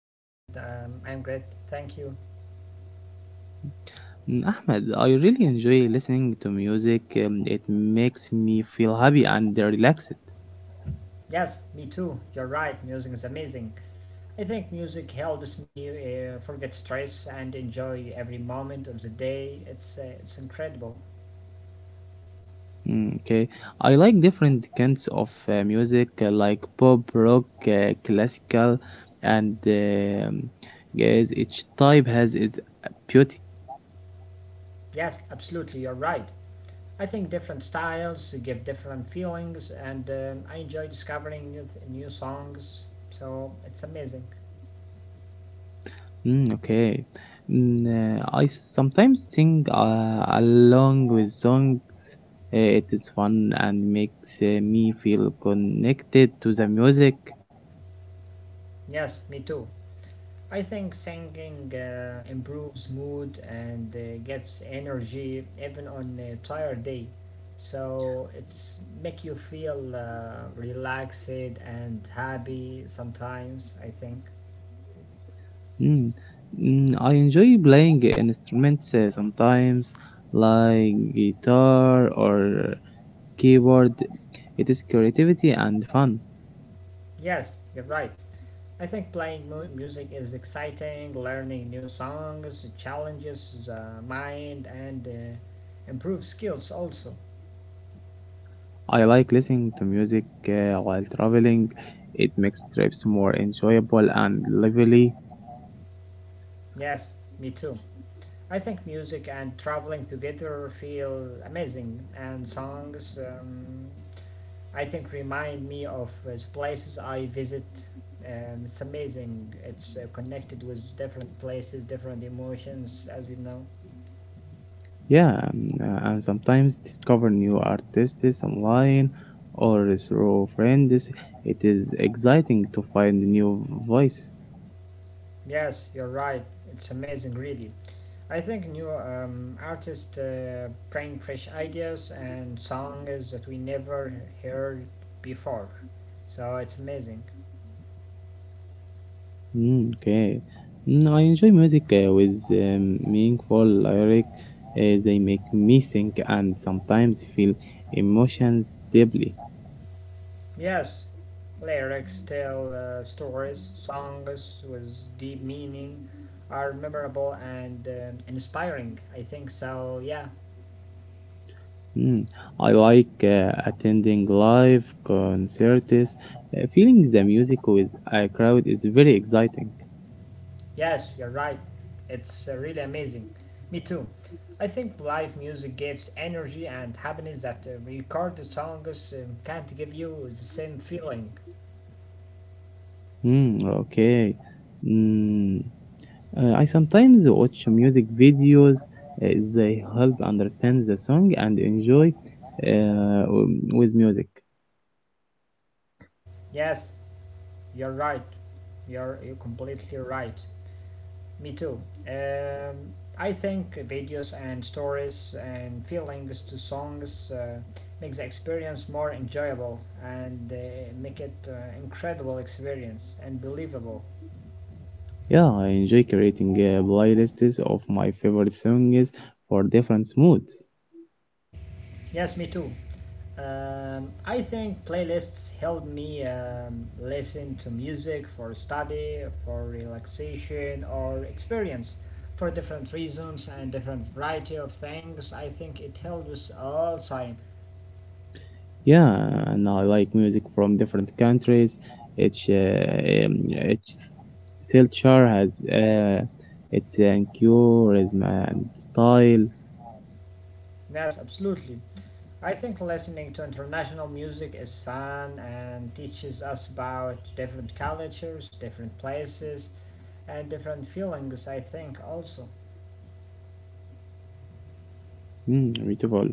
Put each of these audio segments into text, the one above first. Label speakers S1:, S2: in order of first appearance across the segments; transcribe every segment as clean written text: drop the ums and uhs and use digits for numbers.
S1: Hello, my friend. I'm great. Thank you.
S2: Ahmed, I really enjoy listening to music. It makes me feel happy and relaxed.
S1: Yes, me too. You're right. Music is amazing. I think music helps me forget stress and enjoy every moment of the day. It's incredible.
S2: Mm, Okay, I like different kinds of music like pop, rock, classical, and yes, each type has its beauty.
S1: Yes, absolutely. You're right. I think different styles give different feelings, and I enjoy discovering new songs. So it's amazing.
S2: Mm, okay, I sometimes sing along with song. It is fun and makes me feel connected to the music.
S1: Yes, me too. I think singing improves mood and gives energy even on a tired day. So it's make you feel relaxed and happy sometimes I think.
S2: Mm. I enjoy playing instruments sometimes, like guitar or keyboard. It is creativity and fun.
S1: Yes, you're right. I think playing music is exciting. Learning new songs challenges the mind and improve skills also.
S2: I like listening to music while traveling. It makes trips more enjoyable and lively.
S1: Yes, me too. I think music and traveling together feel amazing, and songs I think remind me of places I visit. It's amazing. It's connected with different places, different emotions, as you know.
S2: Yeah, and sometimes discover new artists online or through friends. It is exciting to find new voices.
S1: Yes, you're right. It's amazing, really. I think new artists bring fresh ideas and songs that we never heard before. So it's amazing.
S2: Mm, okay. I enjoy music with meaningful lyric. They make me think and sometimes feel emotions deeply.
S1: Yes, lyrics tell stories. Songs with deep meaning are memorable and inspiring, I think. So, yeah,
S2: Mm. I like attending live concerts. Feeling the music with a crowd is very exciting.
S1: yes, you're right. It's really amazing. Me too. I think live music gives energy and happiness that recorded songs can't give you the same feeling.
S2: Mm, okay. Mm. I sometimes watch music videos. They help understand the song and enjoy with music.
S1: Yes, you're right. You're completely right. Me too. I think videos and stories and feelings to songs makes the experience more enjoyable and make it incredible experience and believable.
S2: Yeah, I enjoy creating playlists of my favorite songs for different moods.
S1: Yes, me too. I think playlists help me listen to music for study, for relaxation, or experience for different reasons and different variety of things. I think it helps us all time.
S2: Yeah, and I like music from different countries. Each, uh, um, each culture has its enthusiasm and style.
S1: Yes, absolutely. I think listening to international music is fun and teaches us about different cultures, different places, and different feelings. I think also.
S2: Mm, beautiful.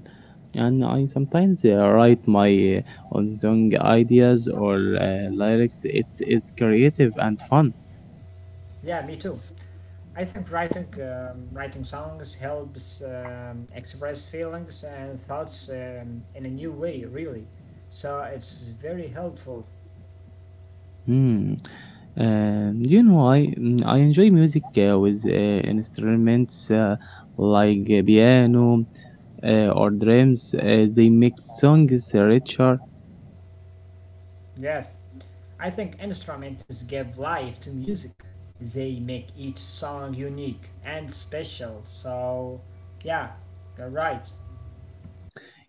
S2: And I sometimes write my own song ideas or lyrics. It's creative and fun.
S1: Yeah, me too. I think writing songs helps express feelings and thoughts in a new way. Really, so it's very helpful.
S2: Hmm. Do you know, I enjoy music with instruments like piano or drums. They make songs richer.
S1: Yes, I think instruments give life to music. They make each song unique and special. So, yeah, you're right.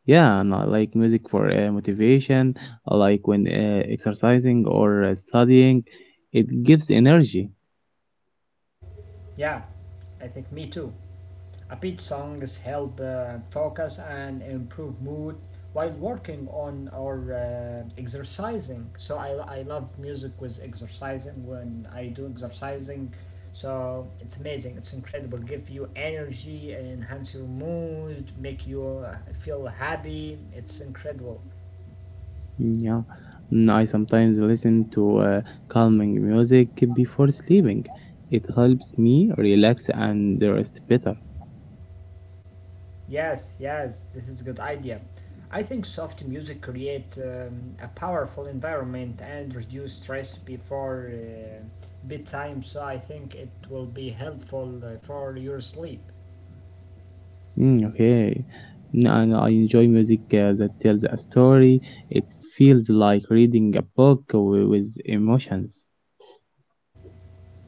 S2: Yeah, and I like music for motivation. I like when exercising or studying. It gives energy.
S1: Yeah, I think me too. Upbeat songs help focus and improve mood while working on or exercising. I love music with exercising when I do exercising. So it's amazing. It's incredible. Give you energy, enhance your mood, make you feel happy. It's incredible.
S2: Mm, Yeah, I sometimes listen to calming music before sleeping. It helps me relax and rest better.
S1: Yes, yes, this is a good idea. I think soft music creates a powerful environment and reduce stress before bedtime, so I think it will be helpful for your sleep.
S2: Mm, okay. And I enjoy music that tells a story. It feels like reading a book with emotions.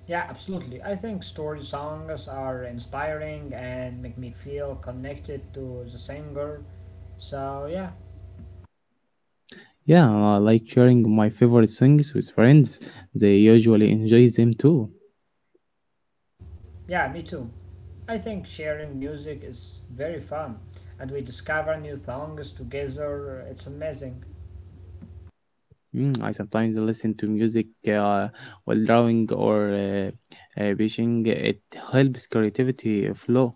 S1: Yeah, absolutely. I think story songs are inspiring and make me feel connected to the singer. So yeah,
S2: Yeah, I like sharing my favorite songs with friends. They usually enjoy them too.
S1: yeah, me too. I think sharing music is very fun, and we discover new songs together. It's amazing.
S2: Mm, I sometimes listen to music while drawing or fishing. It helps creativity flow.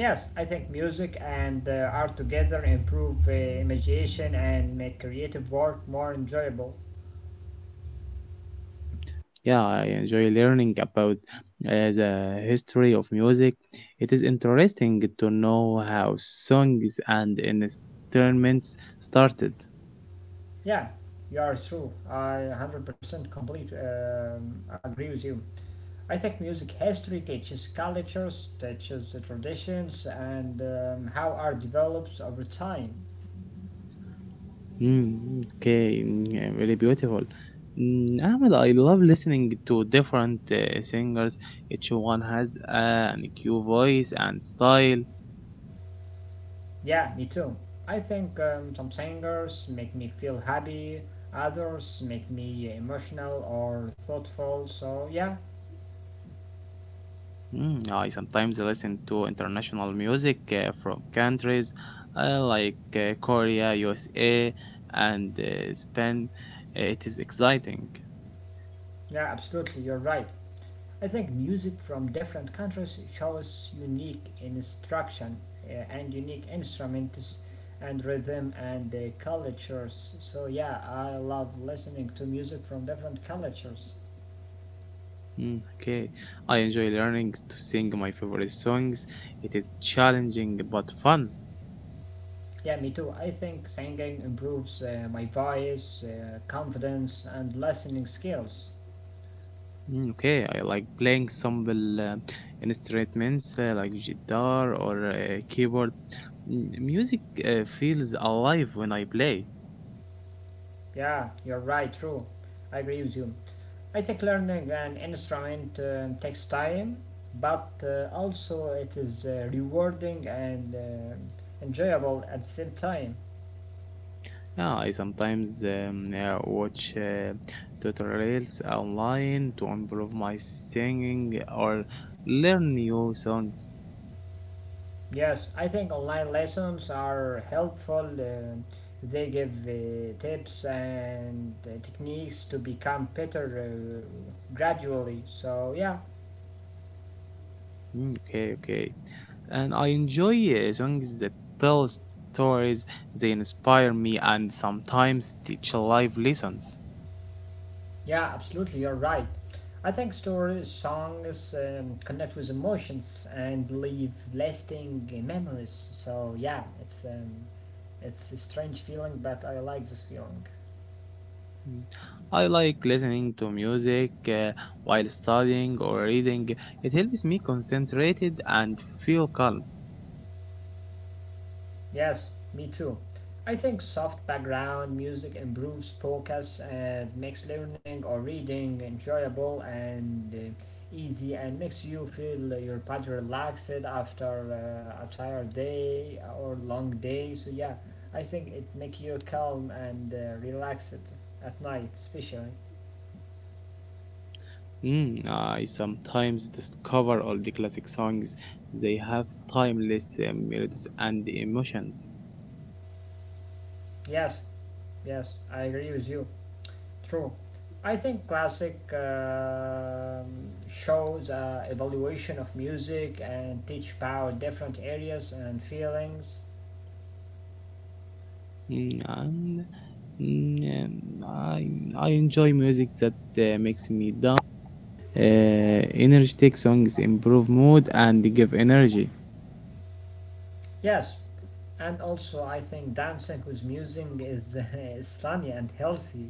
S1: Yes, I think music and art together improve imagination and make creative work more enjoyable.
S2: Yeah, I enjoy learning about the history of music. It is interesting to know how songs and instruments started.
S1: Yeah, you are true. I 100% complete agree with you. I think music history teaches cultures, teaches the traditions, and how art develops over time.
S2: Okay, yeah, really beautiful. Mm, Ahmed, I love listening to different singers. Each one has a unique voice and style.
S1: Yeah, me too. I think some singers make me feel happy, others make me emotional or thoughtful. So yeah,
S2: Mm, I sometimes listen to international music from countries like Korea, USA, and Spain. It is exciting.
S1: yeah, absolutely, you're right. I think music from different countries shows unique instruction and unique instruments and rhythm and cultures. So yeah, I love listening to music from different cultures.
S2: Mm, okay, I enjoy learning to sing my favorite songs. It is challenging but fun.
S1: Yeah, me too. I think singing improves my voice, confidence, and listening skills.
S2: Okay, I like playing simple instruments like guitar or keyboard. Mm, music feels alive when I play.
S1: Yeah, you're right, true. I agree with you. I think learning an instrument takes time, but also it is rewarding and enjoyable at the same time.
S2: Yeah, I sometimes watch tutorials online to improve my singing or learn new songs.
S1: Yes, I think online lessons are helpful. They give tips and techniques to become better gradually. So, yeah,
S2: Mm, Okay, okay. And I enjoy songs that tell stories. They inspire me, and sometimes teach life lessons.
S1: yeah, absolutely, you're right. I think stories, songs connect with emotions and leave lasting memories. So, yeah, it's a strange feeling, but I like this feeling.
S2: Mm. I like listening to music while studying or reading. It helps me concentrated and feel calm.
S1: Yes, me too. I think soft background music improves focus and makes learning or reading enjoyable and easy, and makes you feel your body relaxed after a tired day or long day. So yeah, I think it makes you calm and relaxed at night, especially.
S2: Mm, I sometimes discover all the classic songs. They have timeless melodies and emotions.
S1: Yes, yes, I agree with you. True. I think classic shows evaluation of music and teach power different areas and feelings.
S2: Mm, and mm, um, I, I enjoy music that makes me down. Uh, energetic songs improve mood and give energy.
S1: Yes, and also I think dancing with music is, is funny and healthy.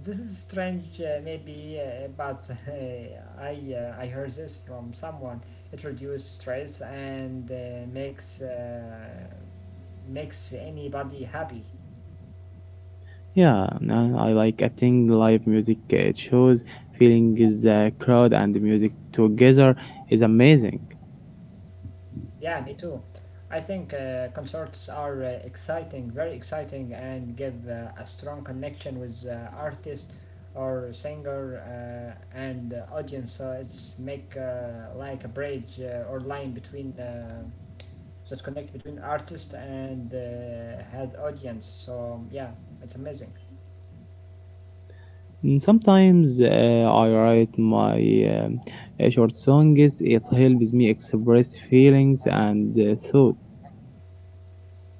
S1: This is strange, maybe, but I heard this from someone. It reduces stress and makes anybody happy.
S2: Yeah, no, I like attending live music shows. Feeling the crowd and the music together is amazing.
S1: Yeah, me too. I think concerts are exciting, very exciting, and give a strong connection with artist or singer and audience. So it's make like a bridge or line between that connect between artist and had audience. So yeah, it's amazing.
S2: Sometimes I write my um, short songs. It helps me express feelings and thought.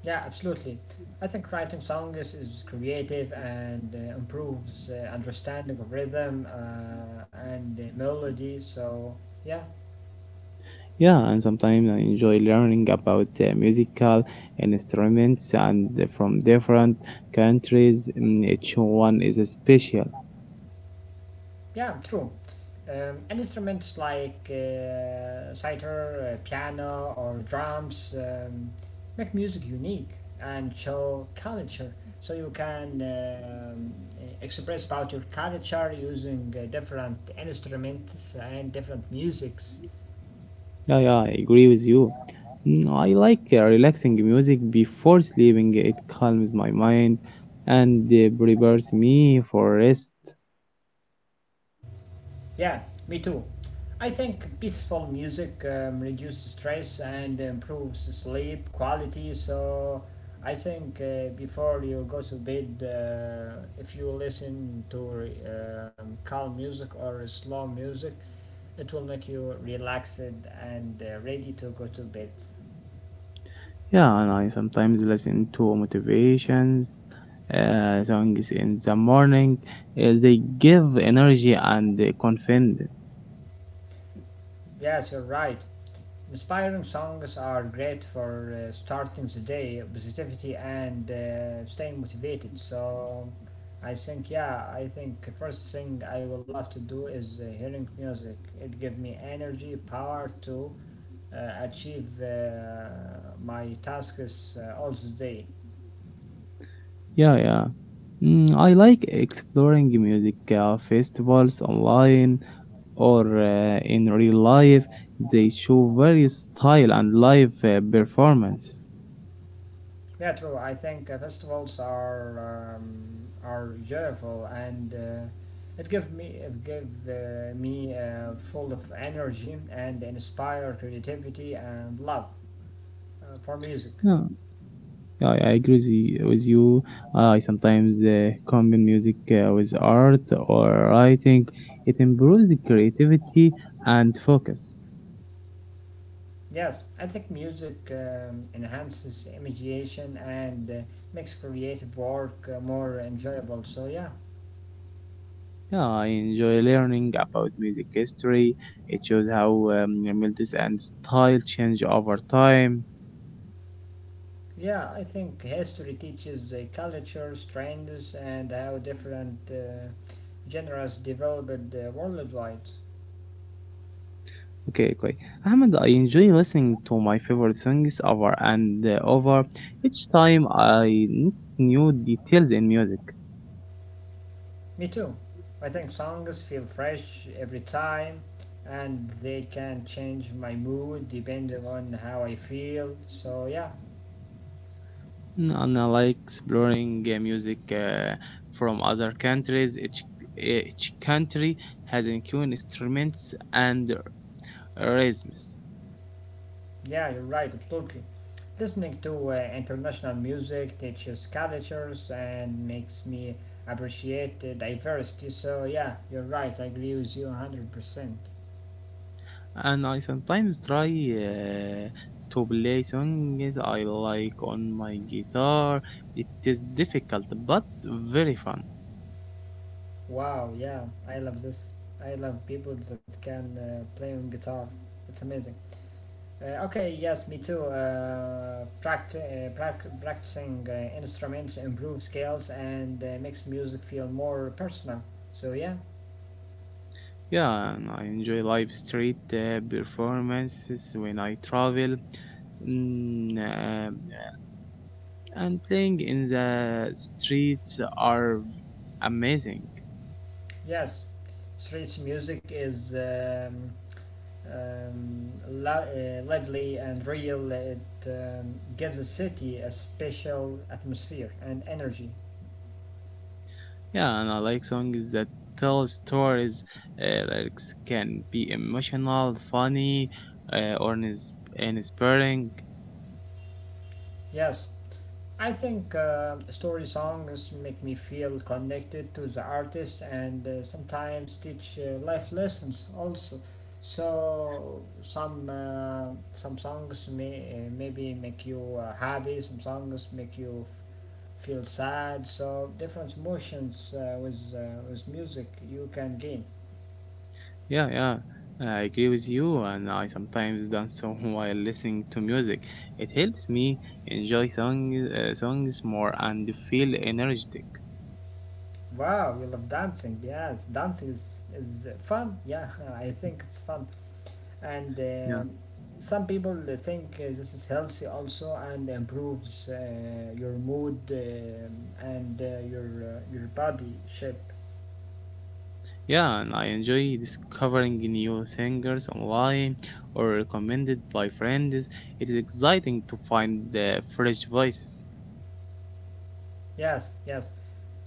S1: Yeah, absolutely. I think writing songs is creative and improves understanding of rhythm and melody. So yeah,
S2: Yeah, and sometimes I enjoy learning about musical instruments and from different countries. Mm, each one is special.
S1: yeah, true. Instruments like sitar, piano, or drums make music unique and show culture. So you can express about your culture using different instruments and different musics.
S2: Yeah, yeah, I agree with you. Mm, I like relaxing music before sleeping. It calms my mind and prepares me for rest.
S1: Yeah, me too. I think peaceful music reduces stress and improves sleep quality. So I think before you go to bed, if you listen to calm music or slow music, it will make you relaxed and ready to go to bed.
S2: Yeah, and I sometimes listen to motivation songs in the morning. They give energy and confidence.
S1: Yes, you're right. Inspiring songs are great for starting the day, positivity, and staying motivated. So, I think, yeah, I think first thing I will love to do is hearing music. It gives me energy, power to achieve my tasks all the day.
S2: Yeah, yeah. Mm, I like exploring music festivals online or in real life. They show various style and live performances.
S1: Yeah, true. I think festivals are joyful and it give me full of energy, and inspire creativity and love for music.
S2: Yeah, yeah, I agree with you. I sometimes combine music with art or writing. It improves the creativity and focus.
S1: Yes, I think music enhances imagination and makes creative work more enjoyable. So yeah.
S2: Yeah, I enjoy learning about music history. It shows how melodies and style change over time.
S1: Yeah, I think history teaches cultures, trends, and how different genres developed worldwide.
S2: Okay, okay. Ahmed, I enjoy listening to my favorite songs over and over each time I notice new details in music.
S1: Me too. I think songs feel fresh every time, and they can change my mood depending on how I feel. So, yeah,
S2: Mm, and I like exploring music from other countries. Each country has its own instruments and rhythms.
S1: yeah, you're right, absolutely. Listening to international music teaches cultures and makes me appreciate diversity. So, yeah, you're right, I agree with you 100%.
S2: And I sometimes try to play songs I like on my guitar. It is difficult but very fun.
S1: Wow, yeah, I love this. I love people that can play on guitar. It's amazing. Okay, yes, me too. Practicing instruments improves skills and makes music feel more personal. So, yeah,
S2: Yeah, and I enjoy live street performances when I travel. Mm, uh, and playing in the streets are amazing.
S1: yes, street music is lively and real. It gives a city a special atmosphere and energy.
S2: Yeah, and I like songs that tell stories. Lyrics can be emotional, funny, or inspiring.
S1: Yes, I think story songs make me feel connected to the artist and sometimes teach life lessons also. So some songs maybe make you happy, some songs make you feel sad. So different emotions with music you can gain.
S2: Yeah, yeah, I agree with you, and I sometimes dance so while listening to music. It helps me enjoy songs more and feel energetic.
S1: Wow, you love dancing. Yes, dancing is fun. Yeah, I think it's fun. And
S2: Yeah,
S1: some people think this is healthy also, and improves your mood and your body shape.
S2: yeah, and I enjoy discovering new singers online or recommended by friends. It is exciting to find the fresh voices.
S1: Yes, yes,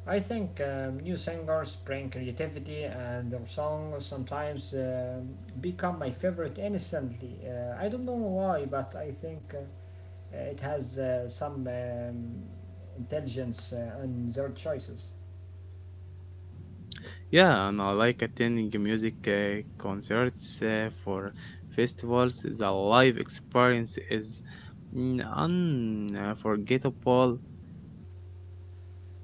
S1: I think new singers bring creativity, and their songs sometimes become my favorite instantly. I don't know why, but I think it has some intelligence on their choices.
S2: Yeah, and I like attending music concerts for festivals. The live experience is mm, unforgettable.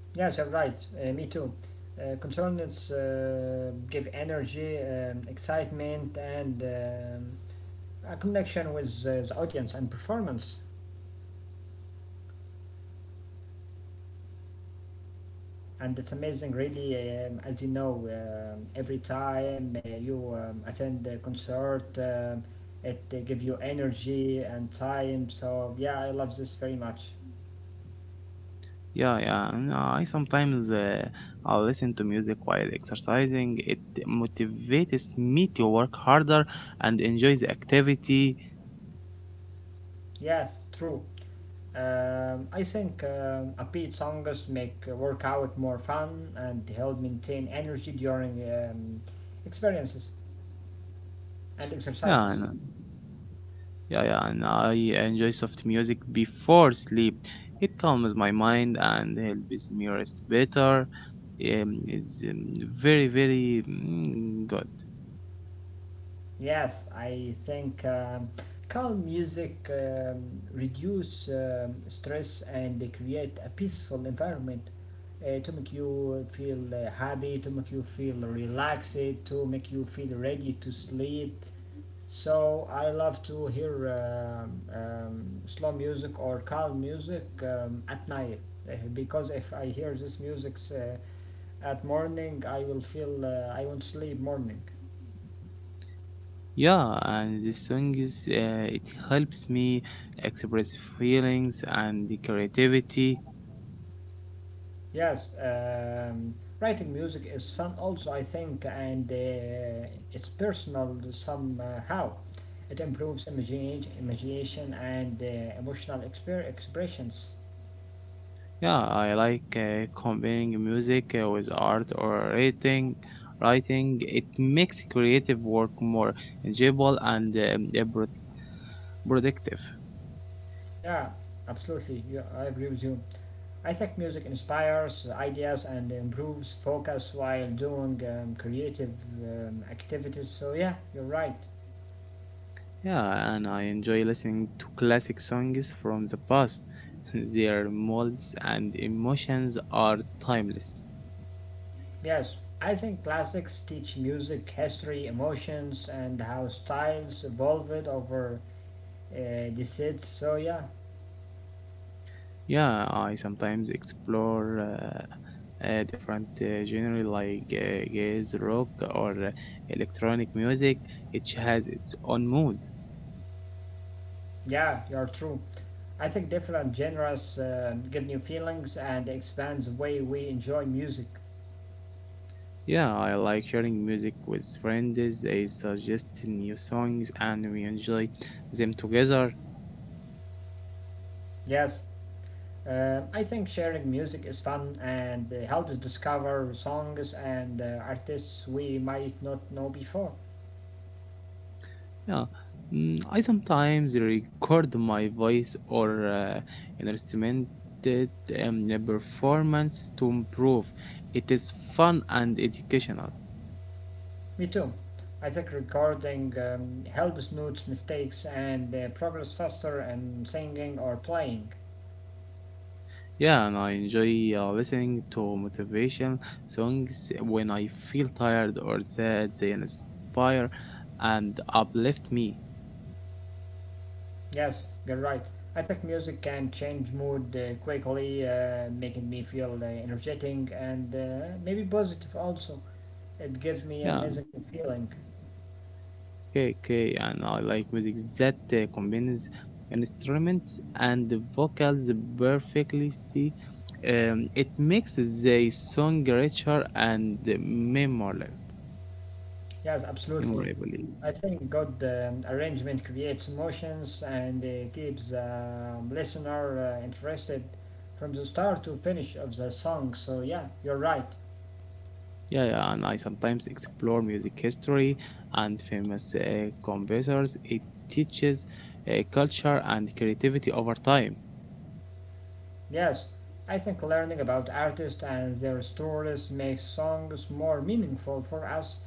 S1: Yes, I'm right. Me too. Concerns give energy, excitement, and a connection with the audience and performance. And it's amazing, really, as you know, every time you attend a concert, it gives you energy and time. So, yeah, I love this very much.
S2: Yeah, yeah. And I sometimes I listen to music while exercising. It motivates me to work harder and enjoy the activity.
S1: Yes, true. I think upbeat songs make workout more fun and help maintain energy during experiences and
S2: Yeah, I
S1: exercises.
S2: know. Yeah, yeah, and I enjoy soft music before sleep. It calms my mind and helps me rest better. It's very, very good.
S1: Yes, I think calm music reduce stress, and they create a peaceful environment to make you feel happy, to make you feel relaxed, to make you feel ready to sleep. So I love to hear slow music or calm music at night because if I hear this music at morning, I will feel I won't sleep morning.
S2: Yeah, and this song is it helps me express feelings and the creativity.
S1: Yes, writing music is fun also, I think, and it's personal somehow. It improves imagination and emotional expressions.
S2: Yeah, I like combining music with art or writing. Writing it makes creative work more enjoyable and productive.
S1: Yeah, absolutely, You I agree with you. I think music inspires ideas and improves focus while doing creative activities, so yeah, you're right.
S2: Yeah, and I enjoy listening to classic songs from the past. Their molds and emotions are timeless.
S1: Yes, I think classics teach music history, emotions, and how styles evolved over decides. So yeah,
S2: Yeah, I sometimes explore different genre like jazz, rock, or electronic music. Each has its own mood.
S1: yeah, you're true. I think different genres give new feelings and expands the way we enjoy music.
S2: Yeah, I like sharing music with friends. They suggest new songs and we enjoy them together.
S1: Yes, I think sharing music is fun and helps discover songs and artists we might not know before.
S2: Yeah, mm, I sometimes record my voice or an instrumented a performance to improve. It is fun and educational.
S1: Me too. I think recording helps notes mistakes and progress faster and singing or playing.
S2: Yeah, and I enjoy listening to motivation songs when I feel tired or sad. They inspire and uplift me.
S1: Yes, you're right. I think music can change mood quickly, making me feel energetic and maybe positive also. It gives me
S2: Yeah,
S1: amazing feeling.
S2: okay, okay, and I like music that combines instruments and vocals perfectly. It makes the song richer and memorable.
S1: Yes, absolutely.
S2: Memorably.
S1: I think good arrangement creates emotions and keeps listener interested from the start to finish of the song. So yeah, you're right.
S2: Yeah, yeah, and I sometimes explore music history and famous composers. It teaches culture and creativity over time.
S1: Yes, I think learning about artists and their stories makes songs more meaningful for us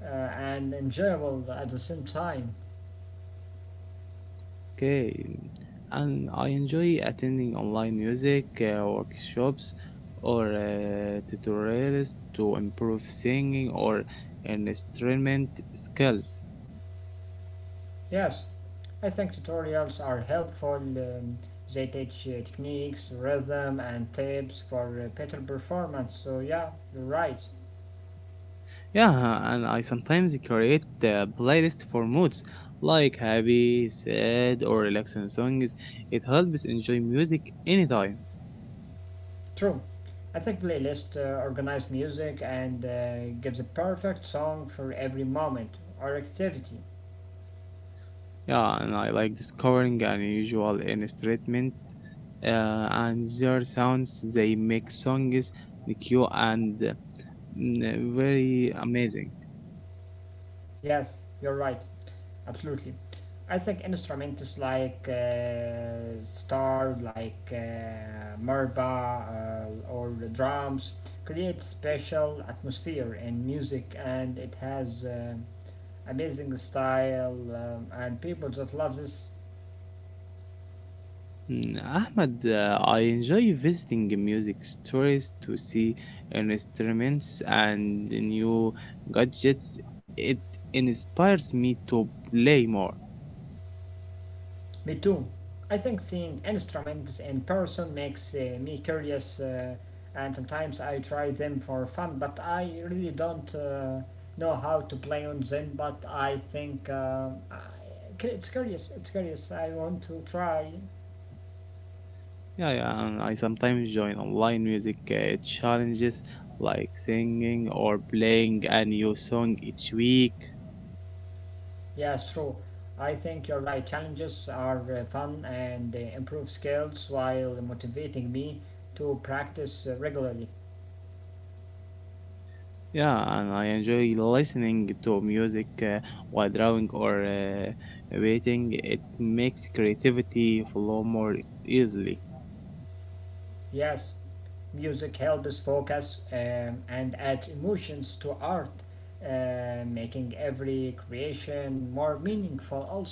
S1: and enjoyable at the same time.
S2: Okay, and I enjoy attending online music workshops or tutorials to improve singing or instrument skills.
S1: Yes, I think tutorials are helpful. They teach techniques, rhythm, and tips for better performance. So yeah, you're right.
S2: Yeah, and I sometimes create a playlist for moods like happy, sad, or relaxing songs. It helps enjoy music anytime.
S1: True. I think playlist organize music and gives a perfect song for every moment or activity.
S2: Yeah, and I like discovering unusual instrument uh, and their sounds. They make songs new and very amazing.
S1: Yes, you're right. Absolutely. I think instruments like star, like marimba, or the drums create special atmosphere in music, and it has amazing style and people that love this.
S2: Ahmed, I enjoy visiting music stores to see instruments and new gadgets. It inspires me to play more.
S1: Me too. I think seeing instruments in person makes me curious, and sometimes I try them for fun, but I really don't know how to play on them. But I think it's curious. I want to try.
S2: Yeah, yeah, and I sometimes join online music challenges like singing or playing a new song each week.
S1: Yeah, true. I think you're right. Challenges are fun and they improve skills while motivating me to practice regularly.
S2: Yeah, and I enjoy listening to music while drawing or waiting. It makes creativity flow more easily.
S1: Yes. Music helps focus and adds emotions to art, making every creation more meaningful also.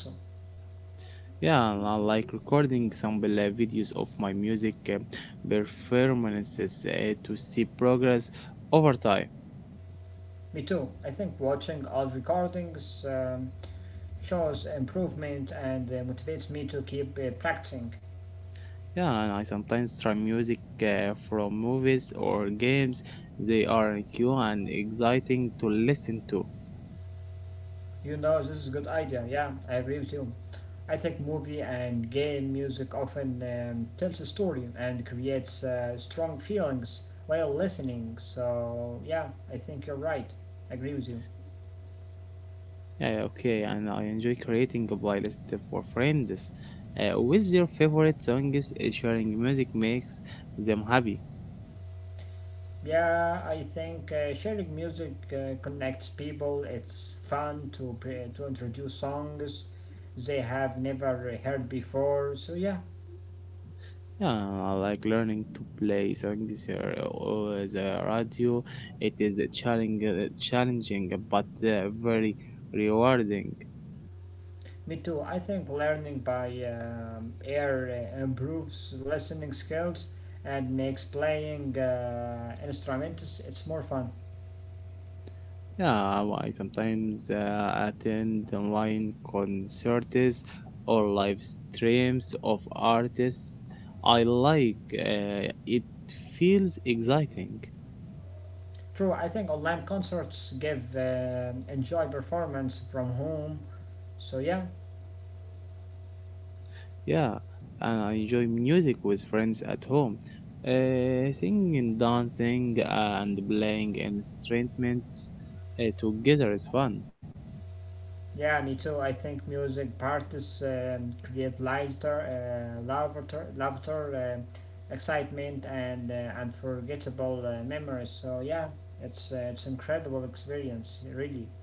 S2: Yeah, and I like recording sample videos of my music performances to see progress over time.
S1: Me too. I think watching old recordings shows improvement and motivates me to keep practicing.
S2: Yeah, and I sometimes try music from movies or games. They are new and exciting to listen to.
S1: You know, this is a good idea. Yeah, I agree with you. I think movie and game music often tells a story and creates strong feelings while listening. So, yeah, I think you're right. I agree with you.
S2: Yeah, okay, and I enjoy creating a playlist for friends. With your favorite songs, sharing music makes them happy.
S1: Yeah, I think sharing music connects people. It's fun to to introduce songs they have never heard before. So yeah,
S2: Yeah, I like learning to play songs or the radio. It is a challenging but very rewarding.
S1: me too. I think learning by ear improves listening skills and makes playing instruments it's more fun.
S2: Yeah, I sometimes attend online concerts or live streams of artists I like. It feels exciting.
S1: True, I think online concerts give enjoy performance from home. So yeah.
S2: Yeah, and I enjoy music with friends at home. Singing, dancing, and playing instruments together is fun.
S1: Yeah, me too. I think music parties create laughter, excitement, and unforgettable memories. So yeah, it's incredible experience, really.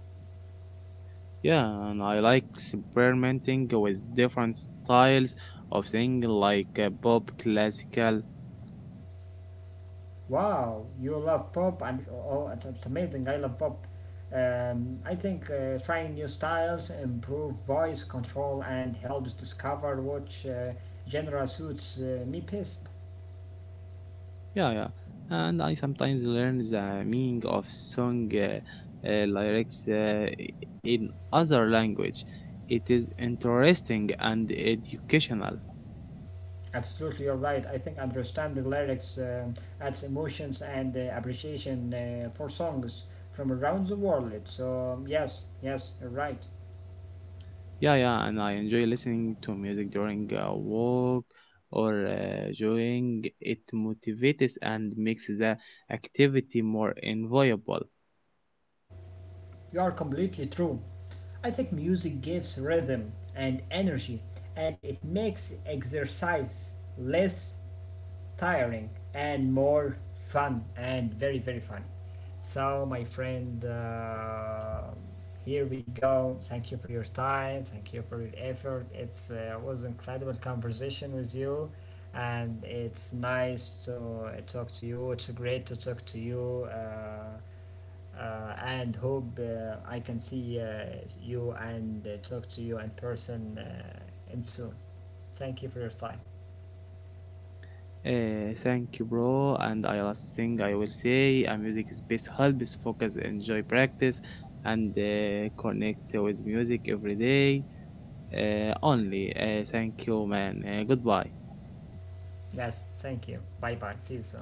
S2: Yeah, and I like experimenting with different styles of singing like pop, classical.
S1: Wow, you love pop, and oh, it's amazing. I love pop. I think trying new styles, improve voice control, and helps discover which genre suits me best.
S2: Yeah, yeah. And I sometimes learn the meaning of song lyrics in other language. It is interesting and educational.
S1: Absolutely, you're right. I think understanding lyrics adds emotions and appreciation for songs from around the world. So, yes, you're right.
S2: Yeah, yeah. And I enjoy listening to music during work or during it motivates and makes the activity more enjoyable.
S1: You are completely true. I think music gives rhythm and energy, and it makes exercise less tiring and more fun and very, very funny. So, my friend, here we go. Thank you for your time. Thank you for your effort. It's was an incredible conversation with you, and it's nice to talk to you. It's great to talk to you. And hope I can see you and talk to you in person in soon. Thank you for your time.
S2: Thank you, bro. And I last thing I will say, a music space helps focus, enjoy practice, and connect with music every day. Only. Thank you, man. Goodbye.
S1: Yes, thank you. Bye bye. See you soon.